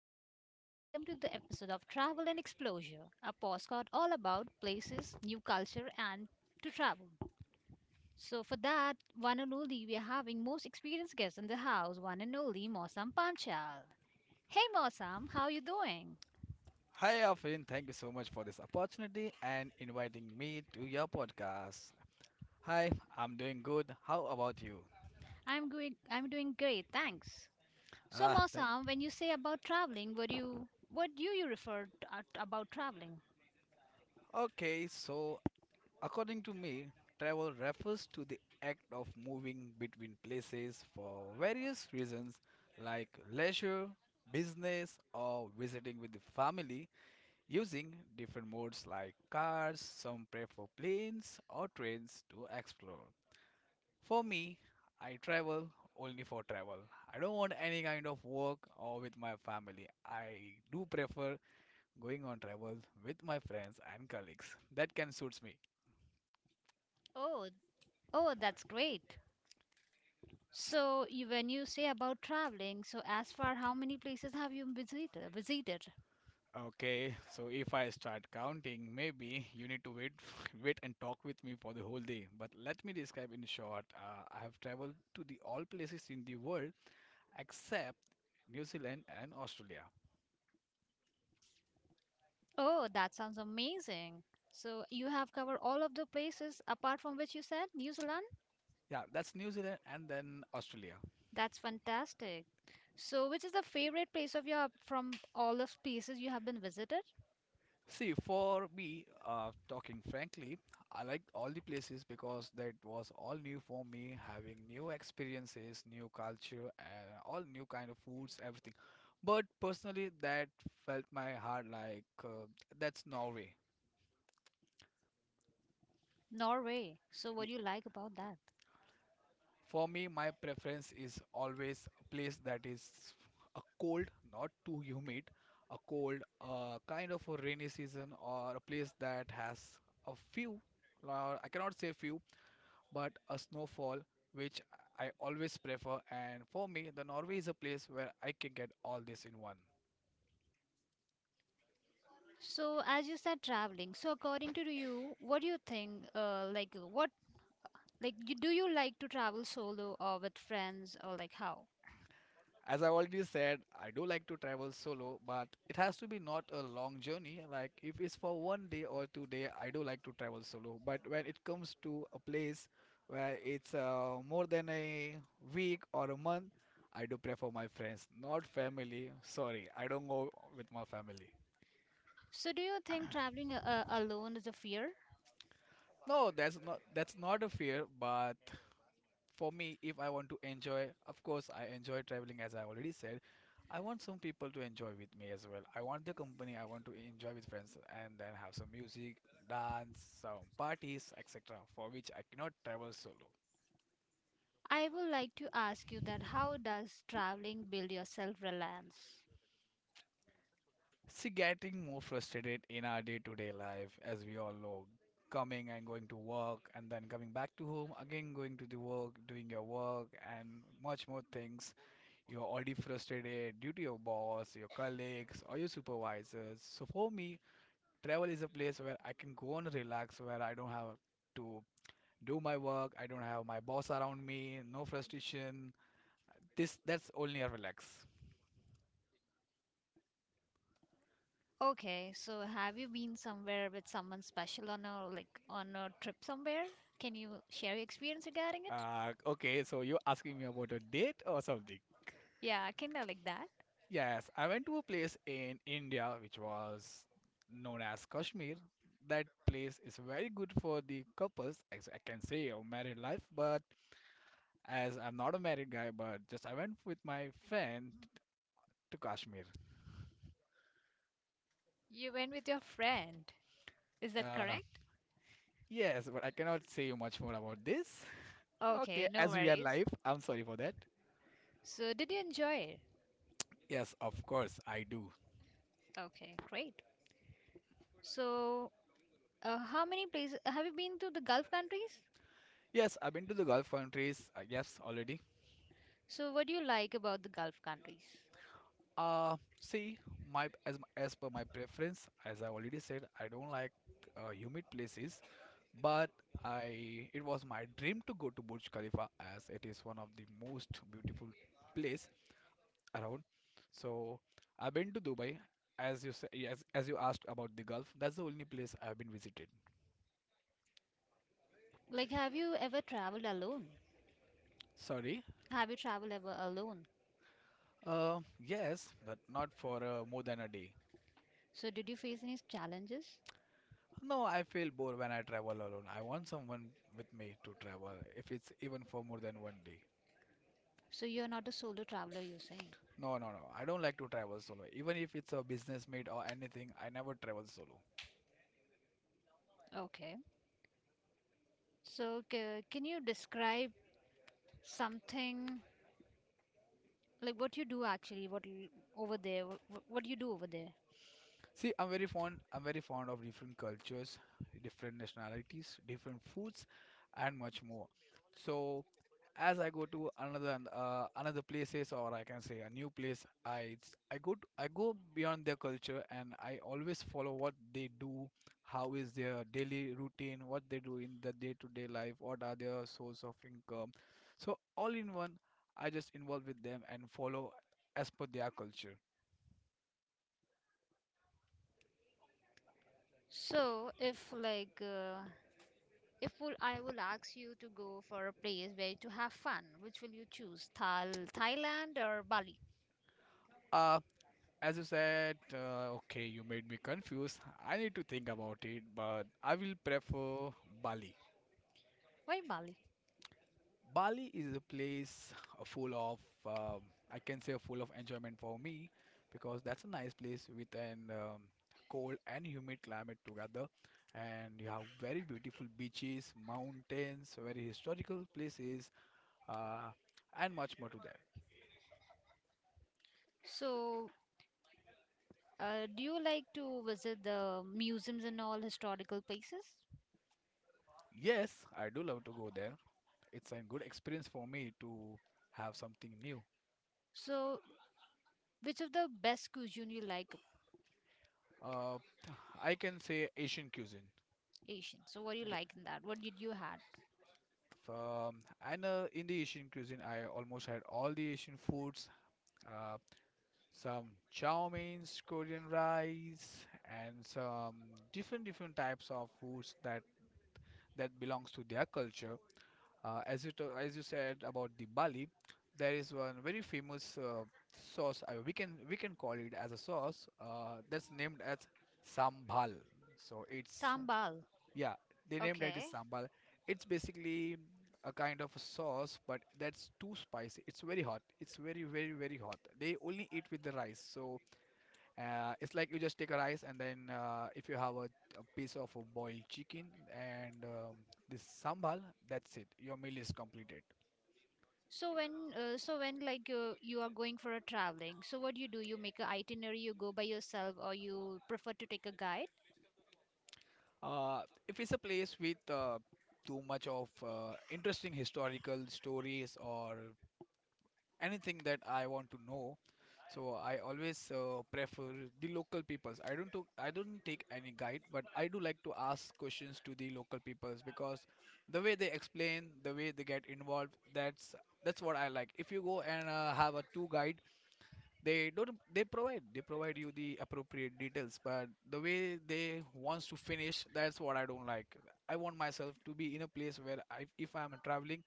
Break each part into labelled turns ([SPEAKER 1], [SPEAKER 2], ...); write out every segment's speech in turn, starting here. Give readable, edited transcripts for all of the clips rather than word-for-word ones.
[SPEAKER 1] host Afreen. Welcome to the episode of Travel and Exposure, a postcard all about places, new culture, and to travel. So, for that, one and only, we are having most experienced guest in the house, one and only Mosam Panchal. Hey Mosam, how are you doing?
[SPEAKER 2] Hi, Afin. Thank you so much for this opportunity and inviting me to your podcast. Hi, I'm doing good. How about you?
[SPEAKER 1] I'm good. I'm doing great, thanks. So,
[SPEAKER 2] Ah, that,
[SPEAKER 1] Mosam, when you say about traveling, what do you refer to, about traveling?
[SPEAKER 2] okay. So, according to me, travel refers to the act of moving between places for various reasons like leisure, business, or visiting with the family using different modes like cars. Some prefer planes or trains to explore. For me, I travel only for travel. I don't want any kind of work or with my family. I do prefer going on travels with my friends and colleagues. That can suits me.
[SPEAKER 1] Oh, oh, that's great. So you, when you say about traveling, so as far how many places have you visited? Visited?
[SPEAKER 2] Okay, so if I start counting, maybe you need to wait, wait and talk with me for the whole day. But let me describe in short. I have traveled to the all places in the world except New Zealand and Australia.
[SPEAKER 1] Oh, that sounds amazing. So you have covered all of the places apart from which you said New Zealand?
[SPEAKER 2] Yeah, that's New Zealand and then Australia.
[SPEAKER 1] That's fantastic. So which is the favorite place of your from all the places you have been visited?
[SPEAKER 2] See, for me, talking frankly, I liked all the places because that was all new for me, having new experiences, new culture, and all new kind of foods, everything. But personally, that felt my heart like that's Norway.
[SPEAKER 1] Norway. So what
[SPEAKER 2] Y-
[SPEAKER 1] do you like about that?
[SPEAKER 2] For me, my preference is always a place that is a cold, not too humid, a cold, kind of a rainy season, or a place that has a few. I cannot say few, but a snowfall, which I always prefer. And for me, the Norway is a place where I can get all this in one.
[SPEAKER 1] So as you said traveling. So according to you, what do you think what like you, do you like to travel solo or with friends or like how?
[SPEAKER 2] As I already said, I do like to travel solo, but it has to be not a long journey. Like if it's for one day or 2 day, I do like to travel solo. But when it comes to a place where it's more than a week or a month, I do prefer my friends, not family. Sorry, I don't go with my family.
[SPEAKER 1] So, do you think traveling alone is a fear?
[SPEAKER 2] No, that's not a fear, but for me, if I want to enjoy, of course, I enjoy traveling as I already said. I want some people to enjoy with me as well. I want the company, I want to enjoy with friends and then have some music, dance, some parties, etc., for which I cannot travel solo.
[SPEAKER 1] I would like to ask you that how does traveling build your self reliance?
[SPEAKER 2] See, getting more frustrated in our day to day life, as we all know, coming and going to work and then coming back to home, again going to the work, doing your work, and much more things. You're already frustrated due to your boss, your colleagues, or your supervisors. So for me, travel is a place where I can go and relax, where I don't have to do my work, I don't have my boss around me, no frustration. This That's only a relax.
[SPEAKER 1] Okay, so have you been somewhere with someone special on a like on a trip somewhere? Can you share your experience regarding it?
[SPEAKER 2] Okay, so you're asking me about a date or something?
[SPEAKER 1] Yeah, kinda like that.
[SPEAKER 2] Yes, I went to a place in India which was known as Kashmir. That place is very good for the couples, as I can say, or married life, but as I'm not a married guy, but just I went with my friend to Kashmir.
[SPEAKER 1] You went with your friend. Is that
[SPEAKER 2] Uh,
[SPEAKER 1] correct?
[SPEAKER 2] yes, but I cannot say you much more about this. Okay,
[SPEAKER 1] Okay, no
[SPEAKER 2] as we are
[SPEAKER 1] worries.
[SPEAKER 2] live, I'm sorry for that.
[SPEAKER 1] So, did you enjoy it?
[SPEAKER 2] Yes, of course, I do.
[SPEAKER 1] Okay, great. So, how many places have you been to the Gulf countries?
[SPEAKER 2] Yes, I've been to the Gulf countries, yes, already.
[SPEAKER 1] So, what do you like about the Gulf countries?
[SPEAKER 2] See, my as per my preference, as I already said, I don't like humid places, but I it was my dream to go to Burj Khalifa as it is one of the most beautiful place around. So I've been to Dubai, as you asked about the Gulf. That's the only place I've been visited.
[SPEAKER 1] Like, have you ever traveled alone?
[SPEAKER 2] Sorry.
[SPEAKER 1] Have you traveled ever alone?
[SPEAKER 2] Yes, but not for more than a day.
[SPEAKER 1] So, did you face any challenges?
[SPEAKER 2] No, I feel bored when I travel alone. I want someone with me to travel, if it's even for more than one day.
[SPEAKER 1] So, you're not a solo traveler, you're saying.
[SPEAKER 2] No, no, no. I don't like to travel solo. Even if it's a business meet or anything, I never travel solo.
[SPEAKER 1] Okay. So, ca can you describe something like what you do actually? Over there? What do you do over there?
[SPEAKER 2] See, I'm very fond. I'm very fond of different cultures, different nationalities, different foods, and much more. So as I go to another places or I can say a new place, I it's, I go to, I go beyond their culture and I always follow what they do, how is their daily routine, what they do in the day-to-day life, what are their source of income. So all in one, I just involve with them and follow as per their culture.
[SPEAKER 1] So, if if will, I will ask you to go for a place where to have fun, which will you choose? Thal Thailand or Bali?
[SPEAKER 2] Uh, as you said, okay, you made me confused. I need to think about it, but I will prefer Bali.
[SPEAKER 1] Why Bali?
[SPEAKER 2] Bali is a place full of, um, I can say, full of enjoyment for me because that's a nice place with an cold and humid climate together, and you have very beautiful beaches, mountains, very historical places, uh, and much more to there.
[SPEAKER 1] So, uh, do you like to visit the museums and all historical places?
[SPEAKER 2] Yes, I do love to go there. It's a good experience for me to have something new.
[SPEAKER 1] So, which of the best cuisine you like?
[SPEAKER 2] Uh, I can say Asian cuisine.
[SPEAKER 1] Asian? So, what do you like in that? What did you had?
[SPEAKER 2] F- and In the Asian cuisine, I almost had all the Asian foods, uh, some chow mains, Korean rice, and some different types of foods that belongs to their culture. As you said about the Bali, there is one very famous sauce. We can call it as a sauce. That's named as sambal. So it's
[SPEAKER 1] Sambal.
[SPEAKER 2] yeah, they named it as
[SPEAKER 1] Okay.
[SPEAKER 2] sambal. It's basically a kind of a sauce, but that's too spicy. It's very hot. It's very, very, very hot. They only eat with the rice. So it's like you just take a rice and then if you have a piece of a boiled chicken and this sambal, that's it. Your meal is completed.
[SPEAKER 1] So when you are going for a traveling, so what do? You make a itinerary, you go by yourself, or you prefer to take a guide?
[SPEAKER 2] Uh, if it's a place with too much of interesting historical stories or anything that I want to know. So I always prefer the local peoples. I don't take any guide, but I do like to ask questions to the local peoples because the way they explain, the way they get involved, that's what I like. If you go and have a tour guide, they don't they provide you the appropriate details, but the way they wants to finish, that's what I don't like. I want myself to be in a place where if I'm traveling,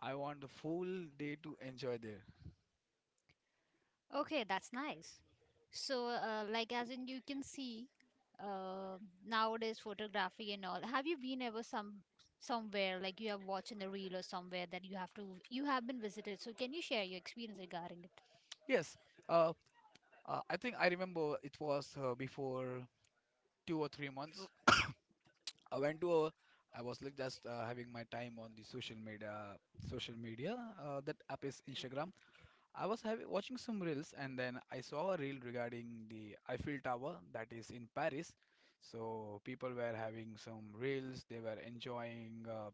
[SPEAKER 2] I want the full day to enjoy there.
[SPEAKER 1] Okay, that's nice. So, as in you can see, uh, nowadays photography and all. Have you been ever somewhere like you have watched in a reel or somewhere that you have been visited? So, can you share your experience regarding it?
[SPEAKER 2] Yes, uh, I think I remember it was before 2 or 3 months. I went to a, I was like just having my time on the social media. That app is Instagram. I was having watching some reels and then I saw a reel regarding the Eiffel Tower that is in Paris. So people were having some reels. They were enjoying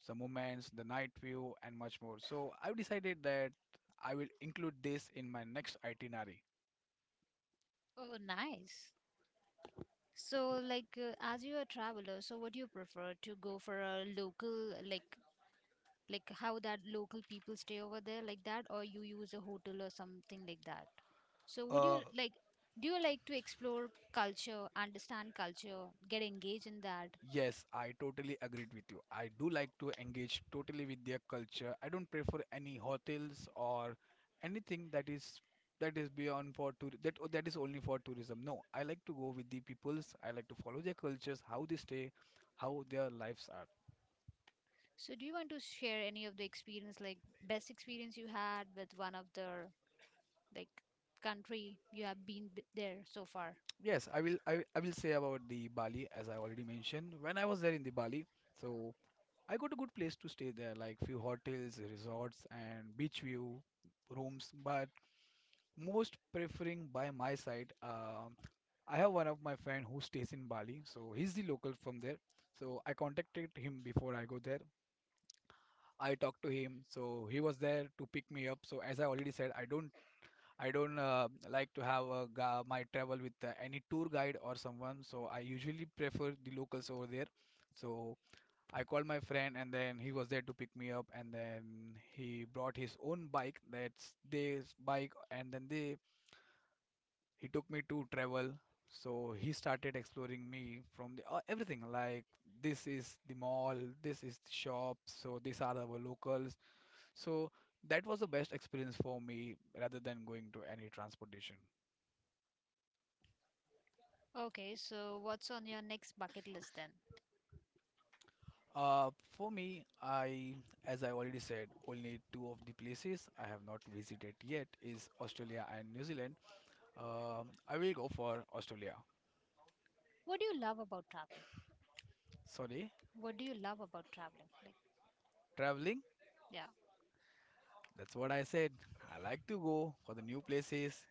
[SPEAKER 2] some moments, the night view, and much more. So I decided that I will include this in my next itinerary.
[SPEAKER 1] Oh, nice. So, as you're a traveler, so what do you prefer to go for a local, like how that local people stay over there, like that, or you use a hotel or something like that? So,
[SPEAKER 2] Uh,
[SPEAKER 1] do you like to explore culture, understand culture, get engaged in that?
[SPEAKER 2] Yes, I totally agreed with you. I do like to engage totally with their culture. I don't prefer any hotels or anything that is beyond for tour that is only for tourism. No, I like to go with the peoples. I like to follow their cultures, how they stay, how their lives are.
[SPEAKER 1] So, do you want to share any of the experience, like best experience you had with one of the like country you have been there so far?
[SPEAKER 2] Yes, I will say about the Bali as I already mentioned. When I was there in the Bali, so I got a good place to stay there, like few hotels, resorts, and beach view rooms. But most preferring by my side, I have one of my friend who stays in Bali, so he's the local from there. So I contacted him before I go there. I talked to him, so he was there to pick me up. So as I already said, I don't like to have my travel with any tour guide or someone. So I usually prefer the locals over there. So I called my friend, and then he was there to pick me up, and then he brought his own bike. That's this bike, and then they he took me to travel. So he started exploring me from the everything like this is the mall, this is the shop, so these are our locals. So that was the best experience for me rather than going to any transportation.
[SPEAKER 1] Okay, so what's on your next bucket list then?
[SPEAKER 2] For me, as I already said, only two of the places I have not visited yet is Australia and New Zealand. I will go for Australia.
[SPEAKER 1] What do you love about travel?
[SPEAKER 2] Sorry,
[SPEAKER 1] What do you love about traveling? Like,
[SPEAKER 2] traveling.
[SPEAKER 1] yeah.
[SPEAKER 2] That's what I said. I like to go for the new places,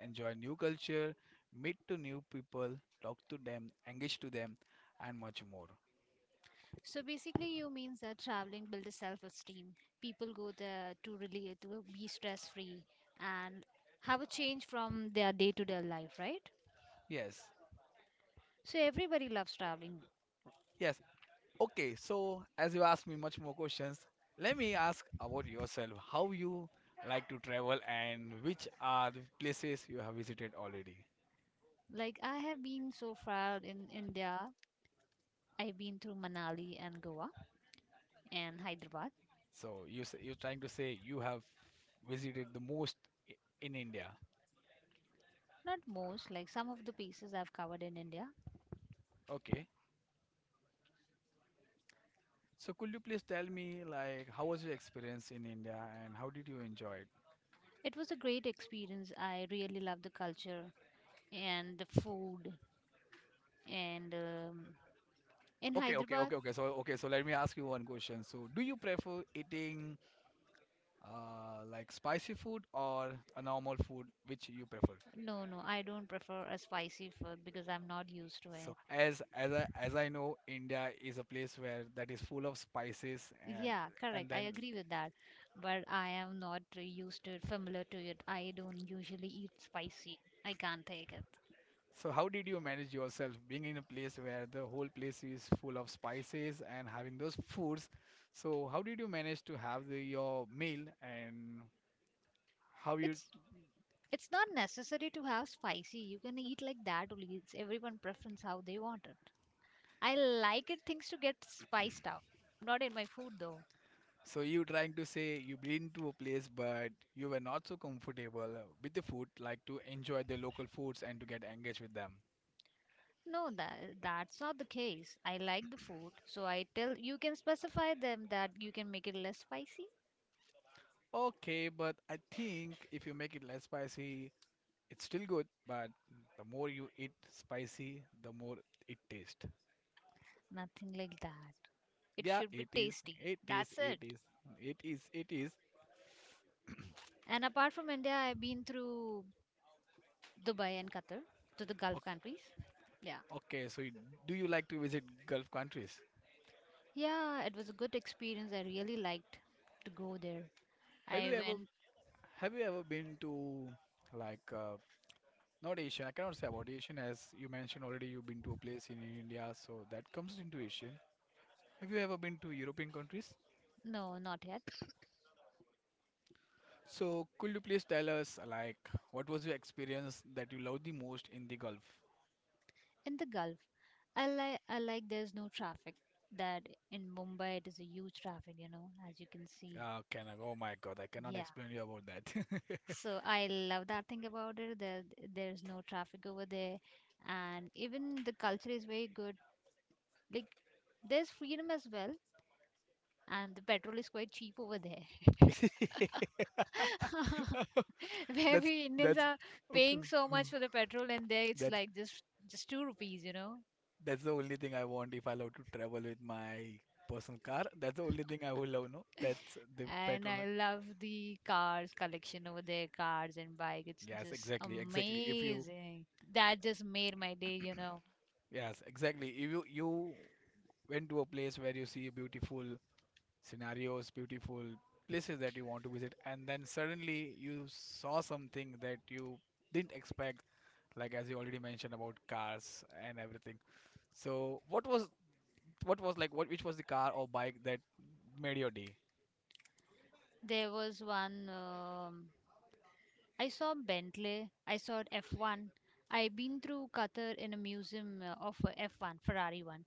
[SPEAKER 2] enjoy new culture, meet to new people, talk to them, engage to them, and much more.
[SPEAKER 1] So basically, you means that traveling builds a self-esteem. People go there to really to be stress-free and have a change from their day-to-day life, right?
[SPEAKER 2] Yes,
[SPEAKER 1] So everybody loves traveling.
[SPEAKER 2] yes. Okay, so as you asked me much more questions, let me ask about yourself. How you like to travel and which are the places you have visited already?
[SPEAKER 1] Like I have been so far in India, I've been through Manali and Goa and Hyderabad.
[SPEAKER 2] So you're trying to say you have visited the most in India.
[SPEAKER 1] Not most, like some of the places I've covered in India.
[SPEAKER 2] Okay. So could you please tell me, like, how was your experience in India and how did you enjoy it?
[SPEAKER 1] It was a great experience. I really love the culture and the food and in
[SPEAKER 2] Okay, okay,
[SPEAKER 1] Hyderabad.
[SPEAKER 2] okay, okay. So, okay, so let me ask you one question. So do you prefer eating like spicy food or a normal food, which you prefer?
[SPEAKER 1] No, no, I don't prefer a spicy food because I'm not used to
[SPEAKER 2] So
[SPEAKER 1] it.
[SPEAKER 2] as as I as I know India is a place where that is full of spices, and
[SPEAKER 1] Yeah,
[SPEAKER 2] and
[SPEAKER 1] correct. I
[SPEAKER 2] then...
[SPEAKER 1] agree with that. But I am not used to it, familiar to it. I don't usually eat spicy. I can't take it.
[SPEAKER 2] So how did you manage yourself being in a place where the whole place is full of spices and having those foods? So how did you manage to have your meal and... How you...
[SPEAKER 1] It's it's not necessary to have spicy. You can eat like that only. It's everyone preference how they want it. I like it things to get spiced up. Not in my food though.
[SPEAKER 2] So you trying to say you've been to a place but you were not so comfortable with the food, like to enjoy the local foods and to get engaged with them.
[SPEAKER 1] No, that that's not the case. I like the food, so I tell you can specify them that you can make it less spicy.
[SPEAKER 2] Okay, but I think if you make it less spicy, it's still good, but the more you eat spicy, the more it tastes.
[SPEAKER 1] Nothing like that. It
[SPEAKER 2] Yeah,
[SPEAKER 1] should be
[SPEAKER 2] it is.
[SPEAKER 1] tasty.
[SPEAKER 2] It is.
[SPEAKER 1] That's
[SPEAKER 2] It
[SPEAKER 1] it.
[SPEAKER 2] is. It is. It is.
[SPEAKER 1] And apart from India, I've been through Dubai and Qatar to the Gulf
[SPEAKER 2] O-
[SPEAKER 1] countries. Yeah.
[SPEAKER 2] Okay, so do you like to visit Gulf countries?
[SPEAKER 1] Yeah, it was a good experience. I really liked to go there.
[SPEAKER 2] Have you
[SPEAKER 1] I
[SPEAKER 2] ever
[SPEAKER 1] went,
[SPEAKER 2] have you ever been to, like, not Asian. I cannot say about Asian, as you mentioned already you've been to a place in India, so that comes into Asian. Have you ever been to European countries?
[SPEAKER 1] no, not yet,
[SPEAKER 2] So could you please tell us, like, what was your experience that you loved the most in the Gulf?
[SPEAKER 1] in the Gulf. I like there's no traffic. That in Mumbai it is a huge traffic, you know, as you can see.
[SPEAKER 2] Can I, oh my God, I cannot
[SPEAKER 1] Yeah.
[SPEAKER 2] explain you about that.
[SPEAKER 1] So I love that thing about it. There's no traffic over there and even the culture is very good. Like there's freedom as well. And the petrol is quite cheap over there. Where
[SPEAKER 2] That's
[SPEAKER 1] we Indians
[SPEAKER 2] that's
[SPEAKER 1] are
[SPEAKER 2] okay.
[SPEAKER 1] paying so much for the petrol, and there it's
[SPEAKER 2] That's
[SPEAKER 1] like just two rupees, you know.
[SPEAKER 2] that's the only thing I want if I love to travel with my personal car. That's the only thing I will love, no? That's the
[SPEAKER 1] And
[SPEAKER 2] petrol.
[SPEAKER 1] I love the cars collection over there, cars and bike. It's
[SPEAKER 2] Yes,
[SPEAKER 1] just
[SPEAKER 2] exactly, exactly. If you,
[SPEAKER 1] amazing. That just made my day, you know.
[SPEAKER 2] Yes, exactly. If you went to a place where you see beautiful scenarios, beautiful places that you want to visit, and then suddenly you saw something that you didn't expect, like as you already mentioned about cars and everything. So what was like what which was the car or bike that made your day?
[SPEAKER 1] There was one I saw Bentley. I saw F1. I've been through Qatar in a museum of F1, Ferrari one.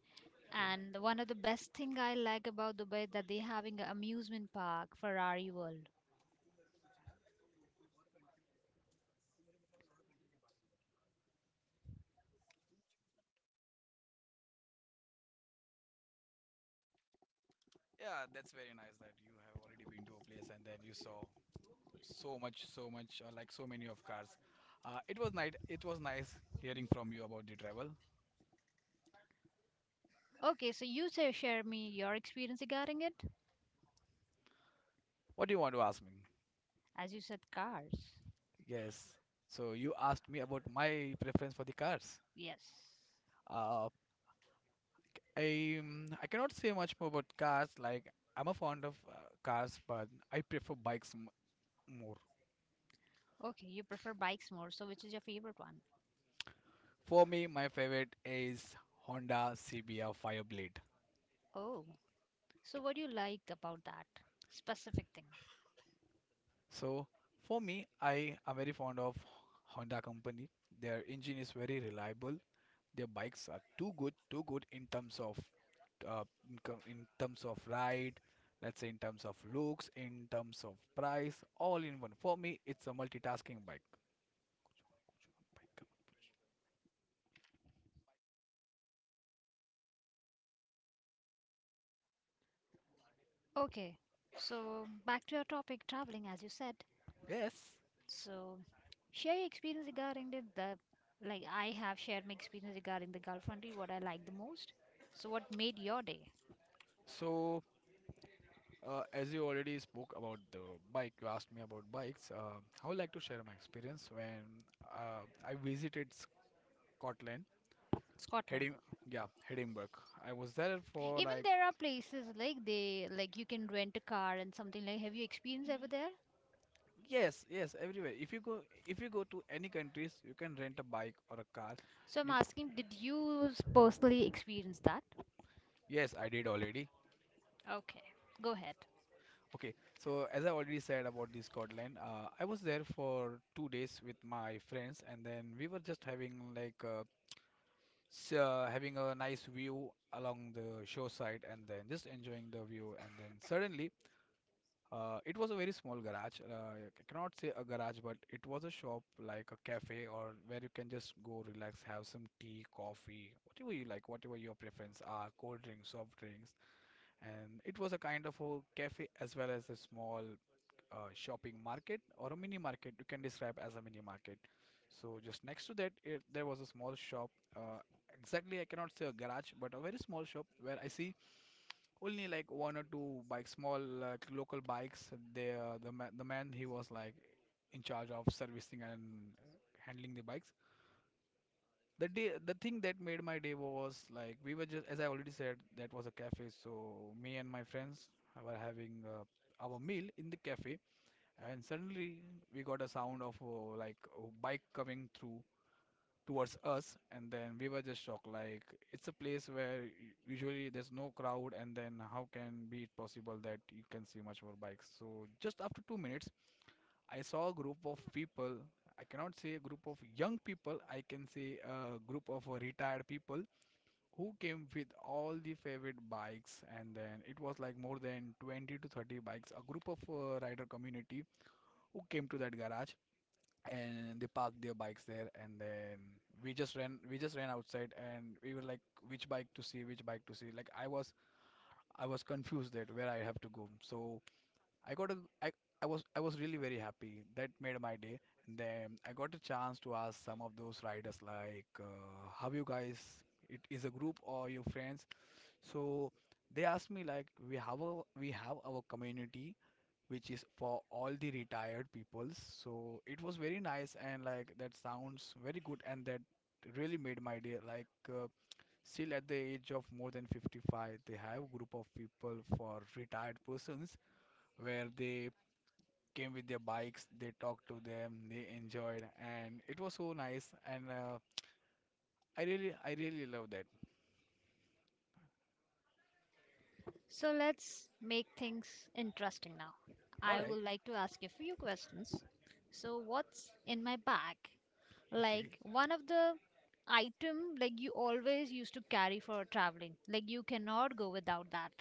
[SPEAKER 2] Okay.
[SPEAKER 1] And one of the best thing I like about Dubai that they having an amusement park, Ferrari World.
[SPEAKER 2] Yeah, that's very nice that you have already been to a place and then you saw like so many of cars. It was nice hearing from you about the travel.
[SPEAKER 1] Okay, so you say share me your experience regarding it.
[SPEAKER 2] What do you want to ask me?
[SPEAKER 1] As you said, cars.
[SPEAKER 2] Yes. So you asked me about my preference for the cars.
[SPEAKER 1] Yes.
[SPEAKER 2] Uh, I cannot say much more about cars. Like, I'm a fond of cars, but I prefer bikes m more.
[SPEAKER 1] Okay, you prefer bikes more. So which is your favorite one?
[SPEAKER 2] For me, my favorite is Honda CBR Fireblade.
[SPEAKER 1] Oh, so what do you liked about that specific thing?
[SPEAKER 2] So for me, I am very fond of Honda company. Their engine is very reliable. Their bikes are too good in terms of uh, in terms of ride, let's say in terms of looks, in terms of price, all in one. For me, it's a multitasking bike.
[SPEAKER 1] Okay, so back to our topic, traveling, as you said.
[SPEAKER 2] Yes.
[SPEAKER 1] So, share your experience regarding the like I have shared my experience regarding the Gulf country, what I liked the most. So, what made your day?
[SPEAKER 2] So, as you already spoke about the bike, you asked me about bikes. I would like to share my experience when I visited Scotland...
[SPEAKER 1] Scotland.
[SPEAKER 2] Hedim, yeah, Edinburgh. I was there for
[SPEAKER 1] Even
[SPEAKER 2] like
[SPEAKER 1] there are places like they like you can rent a car and something like. Have you experienced ever there?
[SPEAKER 2] Yes, yes, everywhere. If you go to any countries, you can rent a bike or a car.
[SPEAKER 1] So I'm
[SPEAKER 2] Do-
[SPEAKER 1] asking, did you personally experience that?
[SPEAKER 2] Yes, I did already.
[SPEAKER 1] Okay, go ahead.
[SPEAKER 2] Okay, so as I already said about the Scotland, I was there for 2 days with my friends, and then we were just having having a nice view along the shoreside, and then just enjoying the view, and then suddenly... It was a very small garage. I cannot say a garage, but it was a shop like a cafe, or where you can just go relax, have some tea, coffee, whatever you like, whatever your preference are, cold drinks, soft drinks. And it was a kind of a cafe as well as a small, shopping market or a mini market. You can describe as a mini market. So just next to that, there was a small shop. Uh, exactly, I cannot say a garage, but a very small shop where I see only like one or two bikes, small like local bikes. The man, he was like in charge of servicing and handling the bikes. The thing that made my day was like, we were just, as I already said, that was a cafe. So me and my friends were having our meal in the cafe, and suddenly we got a sound of like a bike coming through towards us, and then we were just shocked, like, it's a place where usually there's no crowd, and then how can be it possible that you can see much more bikes. So just after 2 minutes, I saw a group of people. I cannot say a group of young people, I can say a group of retired people who came with all the favorite bikes, and then it was like more than 20 to 30 bikes, a group of rider community who came to that garage, and they parked their bikes there. And then we just ran outside, and we were like, which bike to see. Like, I was confused that where I have to go. So i got a i I was, I was really very happy. That made my day. And then I got a chance to ask some of those riders, like, "How you guys? It is a group or your friends?" So they asked me like, We have our community which is for all the retired peoples. So it was very nice, and, like, that sounds very good, and that really made my day. Like, still at the age of more than 55, they have group of people for retired persons where they came with their bikes, they talked to them, they enjoyed, and it was so nice. And I really love that."
[SPEAKER 1] So let's make things interesting now.
[SPEAKER 2] All
[SPEAKER 1] I
[SPEAKER 2] right.
[SPEAKER 1] would like to ask you a few questions. So what's in my bag?
[SPEAKER 2] Okay.
[SPEAKER 1] Like one of the item like you always used to carry for traveling. Like you cannot go without that.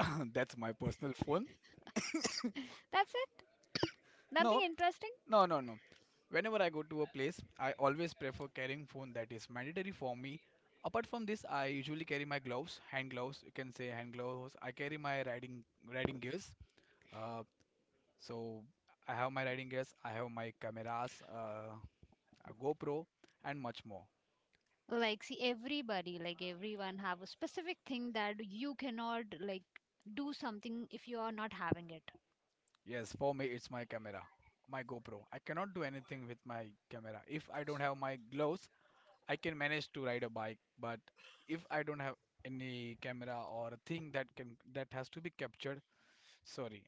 [SPEAKER 2] That's my personal phone.
[SPEAKER 1] That's it. Nothing
[SPEAKER 2] No,
[SPEAKER 1] interesting.
[SPEAKER 2] no, no, no. Whenever I go to a place, I always prefer carrying phone that is mandatory for me. Apart from this, I usually carry my gloves, hand gloves. You can say hand gloves. I carry my riding gears. Uh, so I have my riding gears. I have my cameras, a GoPro, and much more.
[SPEAKER 1] Like see everybody like everyone have a specific thing that you cannot like do something if you are not having it.
[SPEAKER 2] Yes, for me it's my camera, my GoPro. I cannot do anything with my camera if I don't have my gloves. I can manage to ride a bike, but if I don't have any camera or a thing that has to be captured, sorry,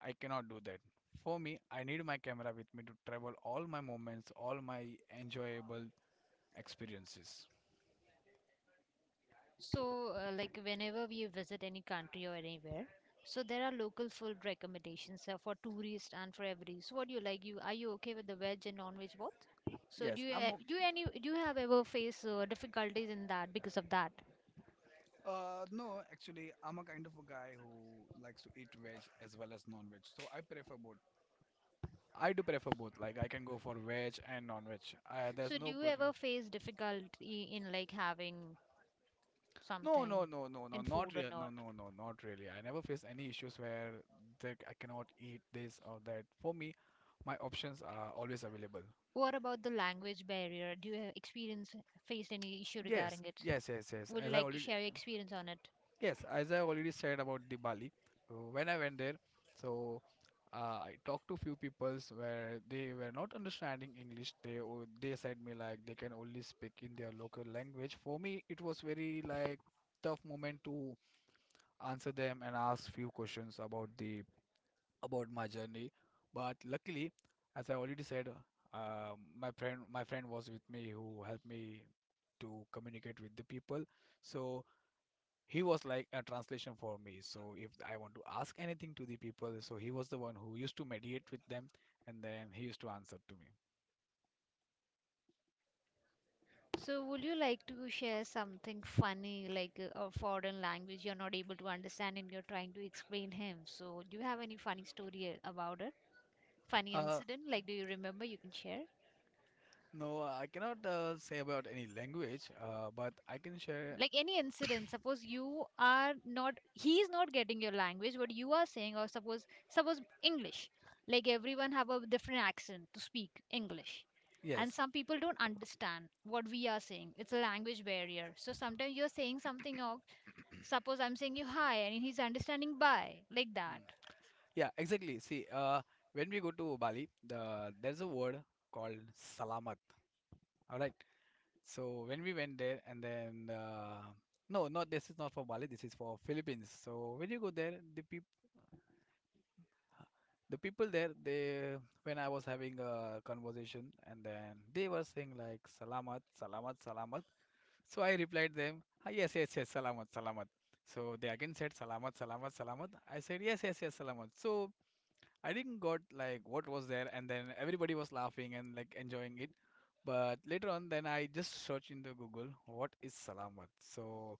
[SPEAKER 2] I cannot do that. For me, I need my camera with me to travel all my moments, all my enjoyable experiences.
[SPEAKER 1] So, whenever we visit any country or anywhere, so there are local food recommendations for tourists and for every. So, what do you like? You okay with the veg and non-veg both? So,
[SPEAKER 2] Yes,
[SPEAKER 1] do you any do you have ever face difficulties in that because of that?
[SPEAKER 2] no, actually, I'm a kind of a guy who likes to eat veg as well as non-veg. So I prefer both. I do prefer both. Like, I can go for veg and non-veg. There's
[SPEAKER 1] So, do
[SPEAKER 2] no
[SPEAKER 1] you
[SPEAKER 2] put.
[SPEAKER 1] ever face difficulty in like having
[SPEAKER 2] No, no,
[SPEAKER 1] something
[SPEAKER 2] no, no, no,
[SPEAKER 1] in food
[SPEAKER 2] not
[SPEAKER 1] or
[SPEAKER 2] real. No,
[SPEAKER 1] not?
[SPEAKER 2] no, no, not really. I never face any issues where that I cannot eat this or that. For me, my options are always available.
[SPEAKER 1] What about the language barrier? Do you have experience faced any issue
[SPEAKER 2] Yes,
[SPEAKER 1] regarding it?
[SPEAKER 2] yes, yes, yes.
[SPEAKER 1] Would you like to share your experience on it?
[SPEAKER 2] Yes, as I already said about the Bali, when I went there, so I talked to few peoples where they were not understanding English. They said me, like, they can only speak in their local language. For me, it was very, like, tough moment to answer them and ask few questions about the about my journey. But luckily, as I already said, my friend was with me, who helped me to communicate with the people. So he was like a translation for me. So if I want to ask anything to the people, so he was the one who used to mediate with them, and then he used to answer to me.
[SPEAKER 1] So, would you like to share something funny, a foreign language you're not able to understand and you're trying to explain him? So, do you have any funny story about it? Funny
[SPEAKER 2] Uh,
[SPEAKER 1] incident? Like, do you remember? You can share.
[SPEAKER 2] no, I cannot say about any language, but I can share.
[SPEAKER 1] Like any incident, suppose you are not, he is not getting your language what you are saying, or suppose, English, like everyone have a different accent to speak English, and
[SPEAKER 2] Yes.
[SPEAKER 1] some people don't understand what we are saying. It's a language barrier. So sometimes you're saying something. Or suppose I'm saying you hi and he's understanding bye like that.
[SPEAKER 2] Mm. Yeah, exactly. See, when we go to Bali, there's a word called salamat. All right. So when we went there, and then no, not this is not for Bali. This is for Philippines. So when you go there, the people there, they when I was having a conversation, and then they were saying like, salamat, salamat, salamat. So I replied them, ah, yes, yes, yes, salamat, salamat. So they again said salamat, salamat, salamat. I said yes, yes, yes, salamat. So I didn't got like what was there, and then everybody was laughing and, like, enjoying it. But later on, then I just searched into Google what is salamat. So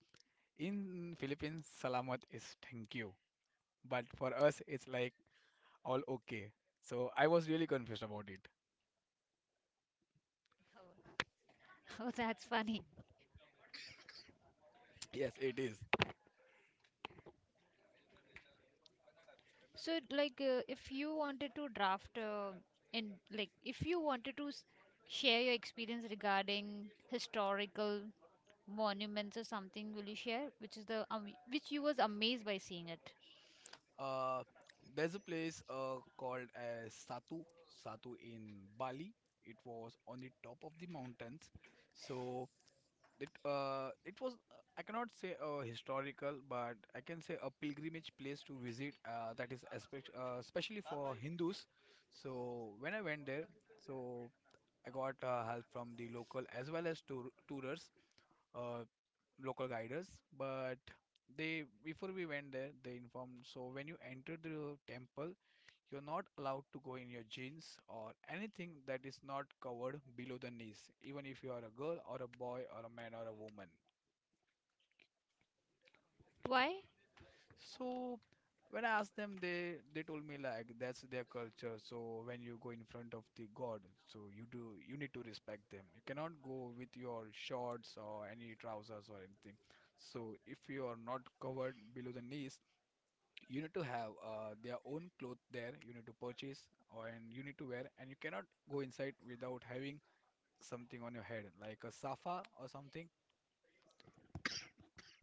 [SPEAKER 2] in Philippines, salamat is thank you, but for us, it's like all okay. So I was really confused about it.
[SPEAKER 1] Oh, that's funny.
[SPEAKER 2] Yes, it is.
[SPEAKER 1] So if you wanted to draft in like if you wanted to share your experience regarding historical monuments or something, will you share which is the which you was amazed by seeing it?
[SPEAKER 2] Uh, there's a place called as Satu, Satu in Bali. It was on the top of the mountains. So it it was, I cannot say historical, but I can say a pilgrimage place to visit. That is especially for Hindus. So when I went there, so I got help from the local as well as tourers. Uh, Local guiders, but they, before we went there, they informed, so when you enter the temple, you're not allowed to go in your jeans or anything that is not covered below the knees, even if you are a girl or a boy or a man or a woman.
[SPEAKER 1] Why?
[SPEAKER 2] So when I asked them, they told me like that's their culture. So when you go in front of the god, so you need to respect them. You cannot go with your shorts or any trousers or anything. So if you are not covered below the knees, you need to have their own cloth there, you need to purchase or, and you need to wear, and you cannot go inside without having something on your head, like a safa or something.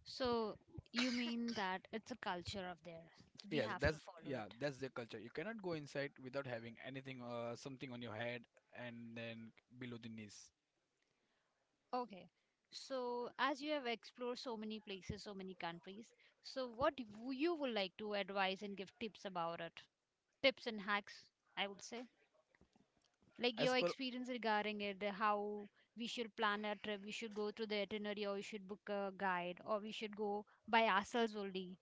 [SPEAKER 1] So you mean that it's a culture of theirs. We
[SPEAKER 2] Yes,
[SPEAKER 1] have to
[SPEAKER 2] that's,
[SPEAKER 1] follow
[SPEAKER 2] yeah,
[SPEAKER 1] it.
[SPEAKER 2] that's the culture. You cannot go inside without having anything, something on your head, and then below the knees.
[SPEAKER 1] Okay, so as you have explored so many places, so many countries, so what you would like to advise and give tips about it, tips and hacks, I would say. Like
[SPEAKER 2] as
[SPEAKER 1] your
[SPEAKER 2] per
[SPEAKER 1] experience regarding it, the how we should plan a trip, we should go through the itinerary, or we should book a guide, or we should go by ourselves only.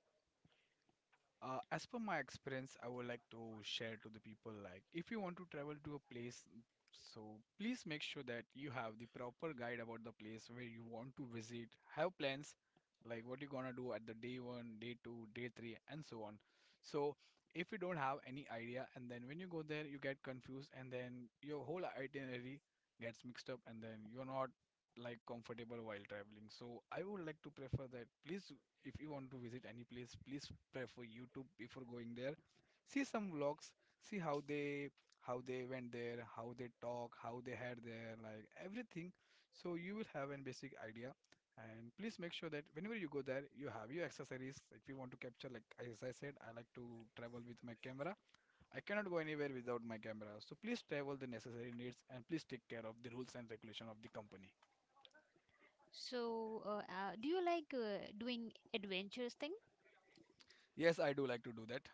[SPEAKER 2] As per my experience, I would like to share to the people, like if you want to travel to a place, mm, so please make sure that you have the proper guide about the place where you want to visit, have plans like what you're gonna do at the day 1, day 2, day 3, and so on. So if you don't have any idea, and then when you go there, you get confused, and then your whole itinerary gets mixed up, and then you're not like comfortable while traveling. So I would like to prefer that, please, if you want to visit any place, please prefer YouTube before going there, see some vlogs, see how they, how they went there, how they talk, how they had their like everything, so you will have an basic idea. And please make sure that whenever you go there, you have your accessories if you want to capture, like as I said, I like to travel with my camera. I cannot go anywhere without my camera. So please travel the necessary needs, and please take care of the rules and regulation of the company.
[SPEAKER 1] So, do you like doing adventurous thing?
[SPEAKER 2] Yes, I do like to do that.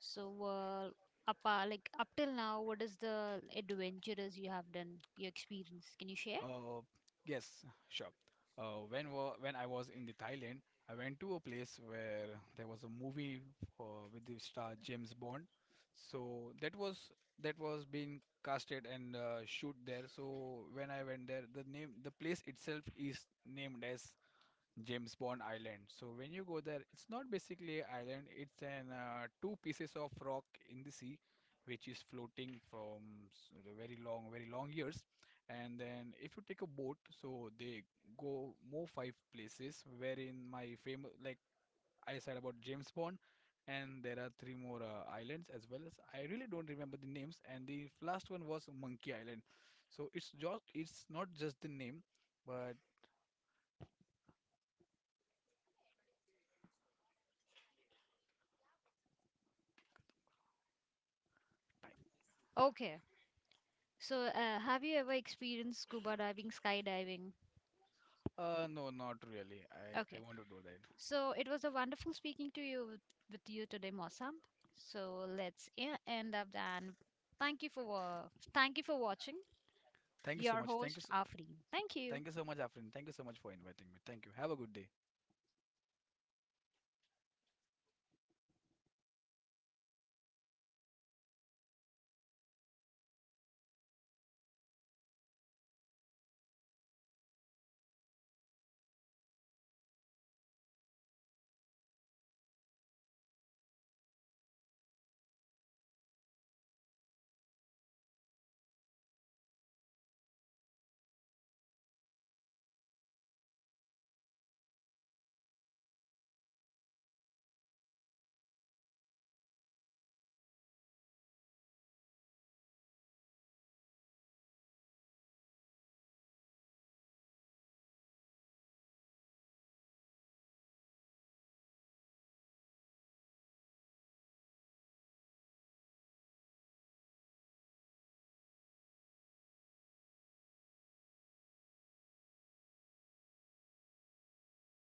[SPEAKER 1] So, like up till now, what is the adventurous you have done? Your experience? Can you share?
[SPEAKER 2] Uh, yes, sure. When I was in the Thailand, I went to a place where there was a movie for, with the star James Bond. So that was, that was being casted and shoot there. So when I went there, the name, the place itself is named as James Bond Island. So when you go there, it's not basically an island. It's an two pieces of rock in the sea, which is floating from the very long, very long years. And then if you take a boat, so they go more five places. Wherein my famous, like I said, about James Bond, and there are three more islands as well, as I really don't remember the names. And the last one was Monkey Island. So it's just it's not just the name. But
[SPEAKER 1] Okay. So, have you ever experienced scuba diving, skydiving?
[SPEAKER 2] No, not really. I
[SPEAKER 1] Okay.
[SPEAKER 2] want to do that.
[SPEAKER 1] So, it was a wonderful speaking with you today, Mossam. So, let's end up and thank you for uh, thank you for watching.
[SPEAKER 2] Thank you so
[SPEAKER 1] Your
[SPEAKER 2] much.
[SPEAKER 1] host, Afreen. Thank you.
[SPEAKER 2] Thank you so much, Afrin. Thank you so much for inviting me. Thank you. Have a good day.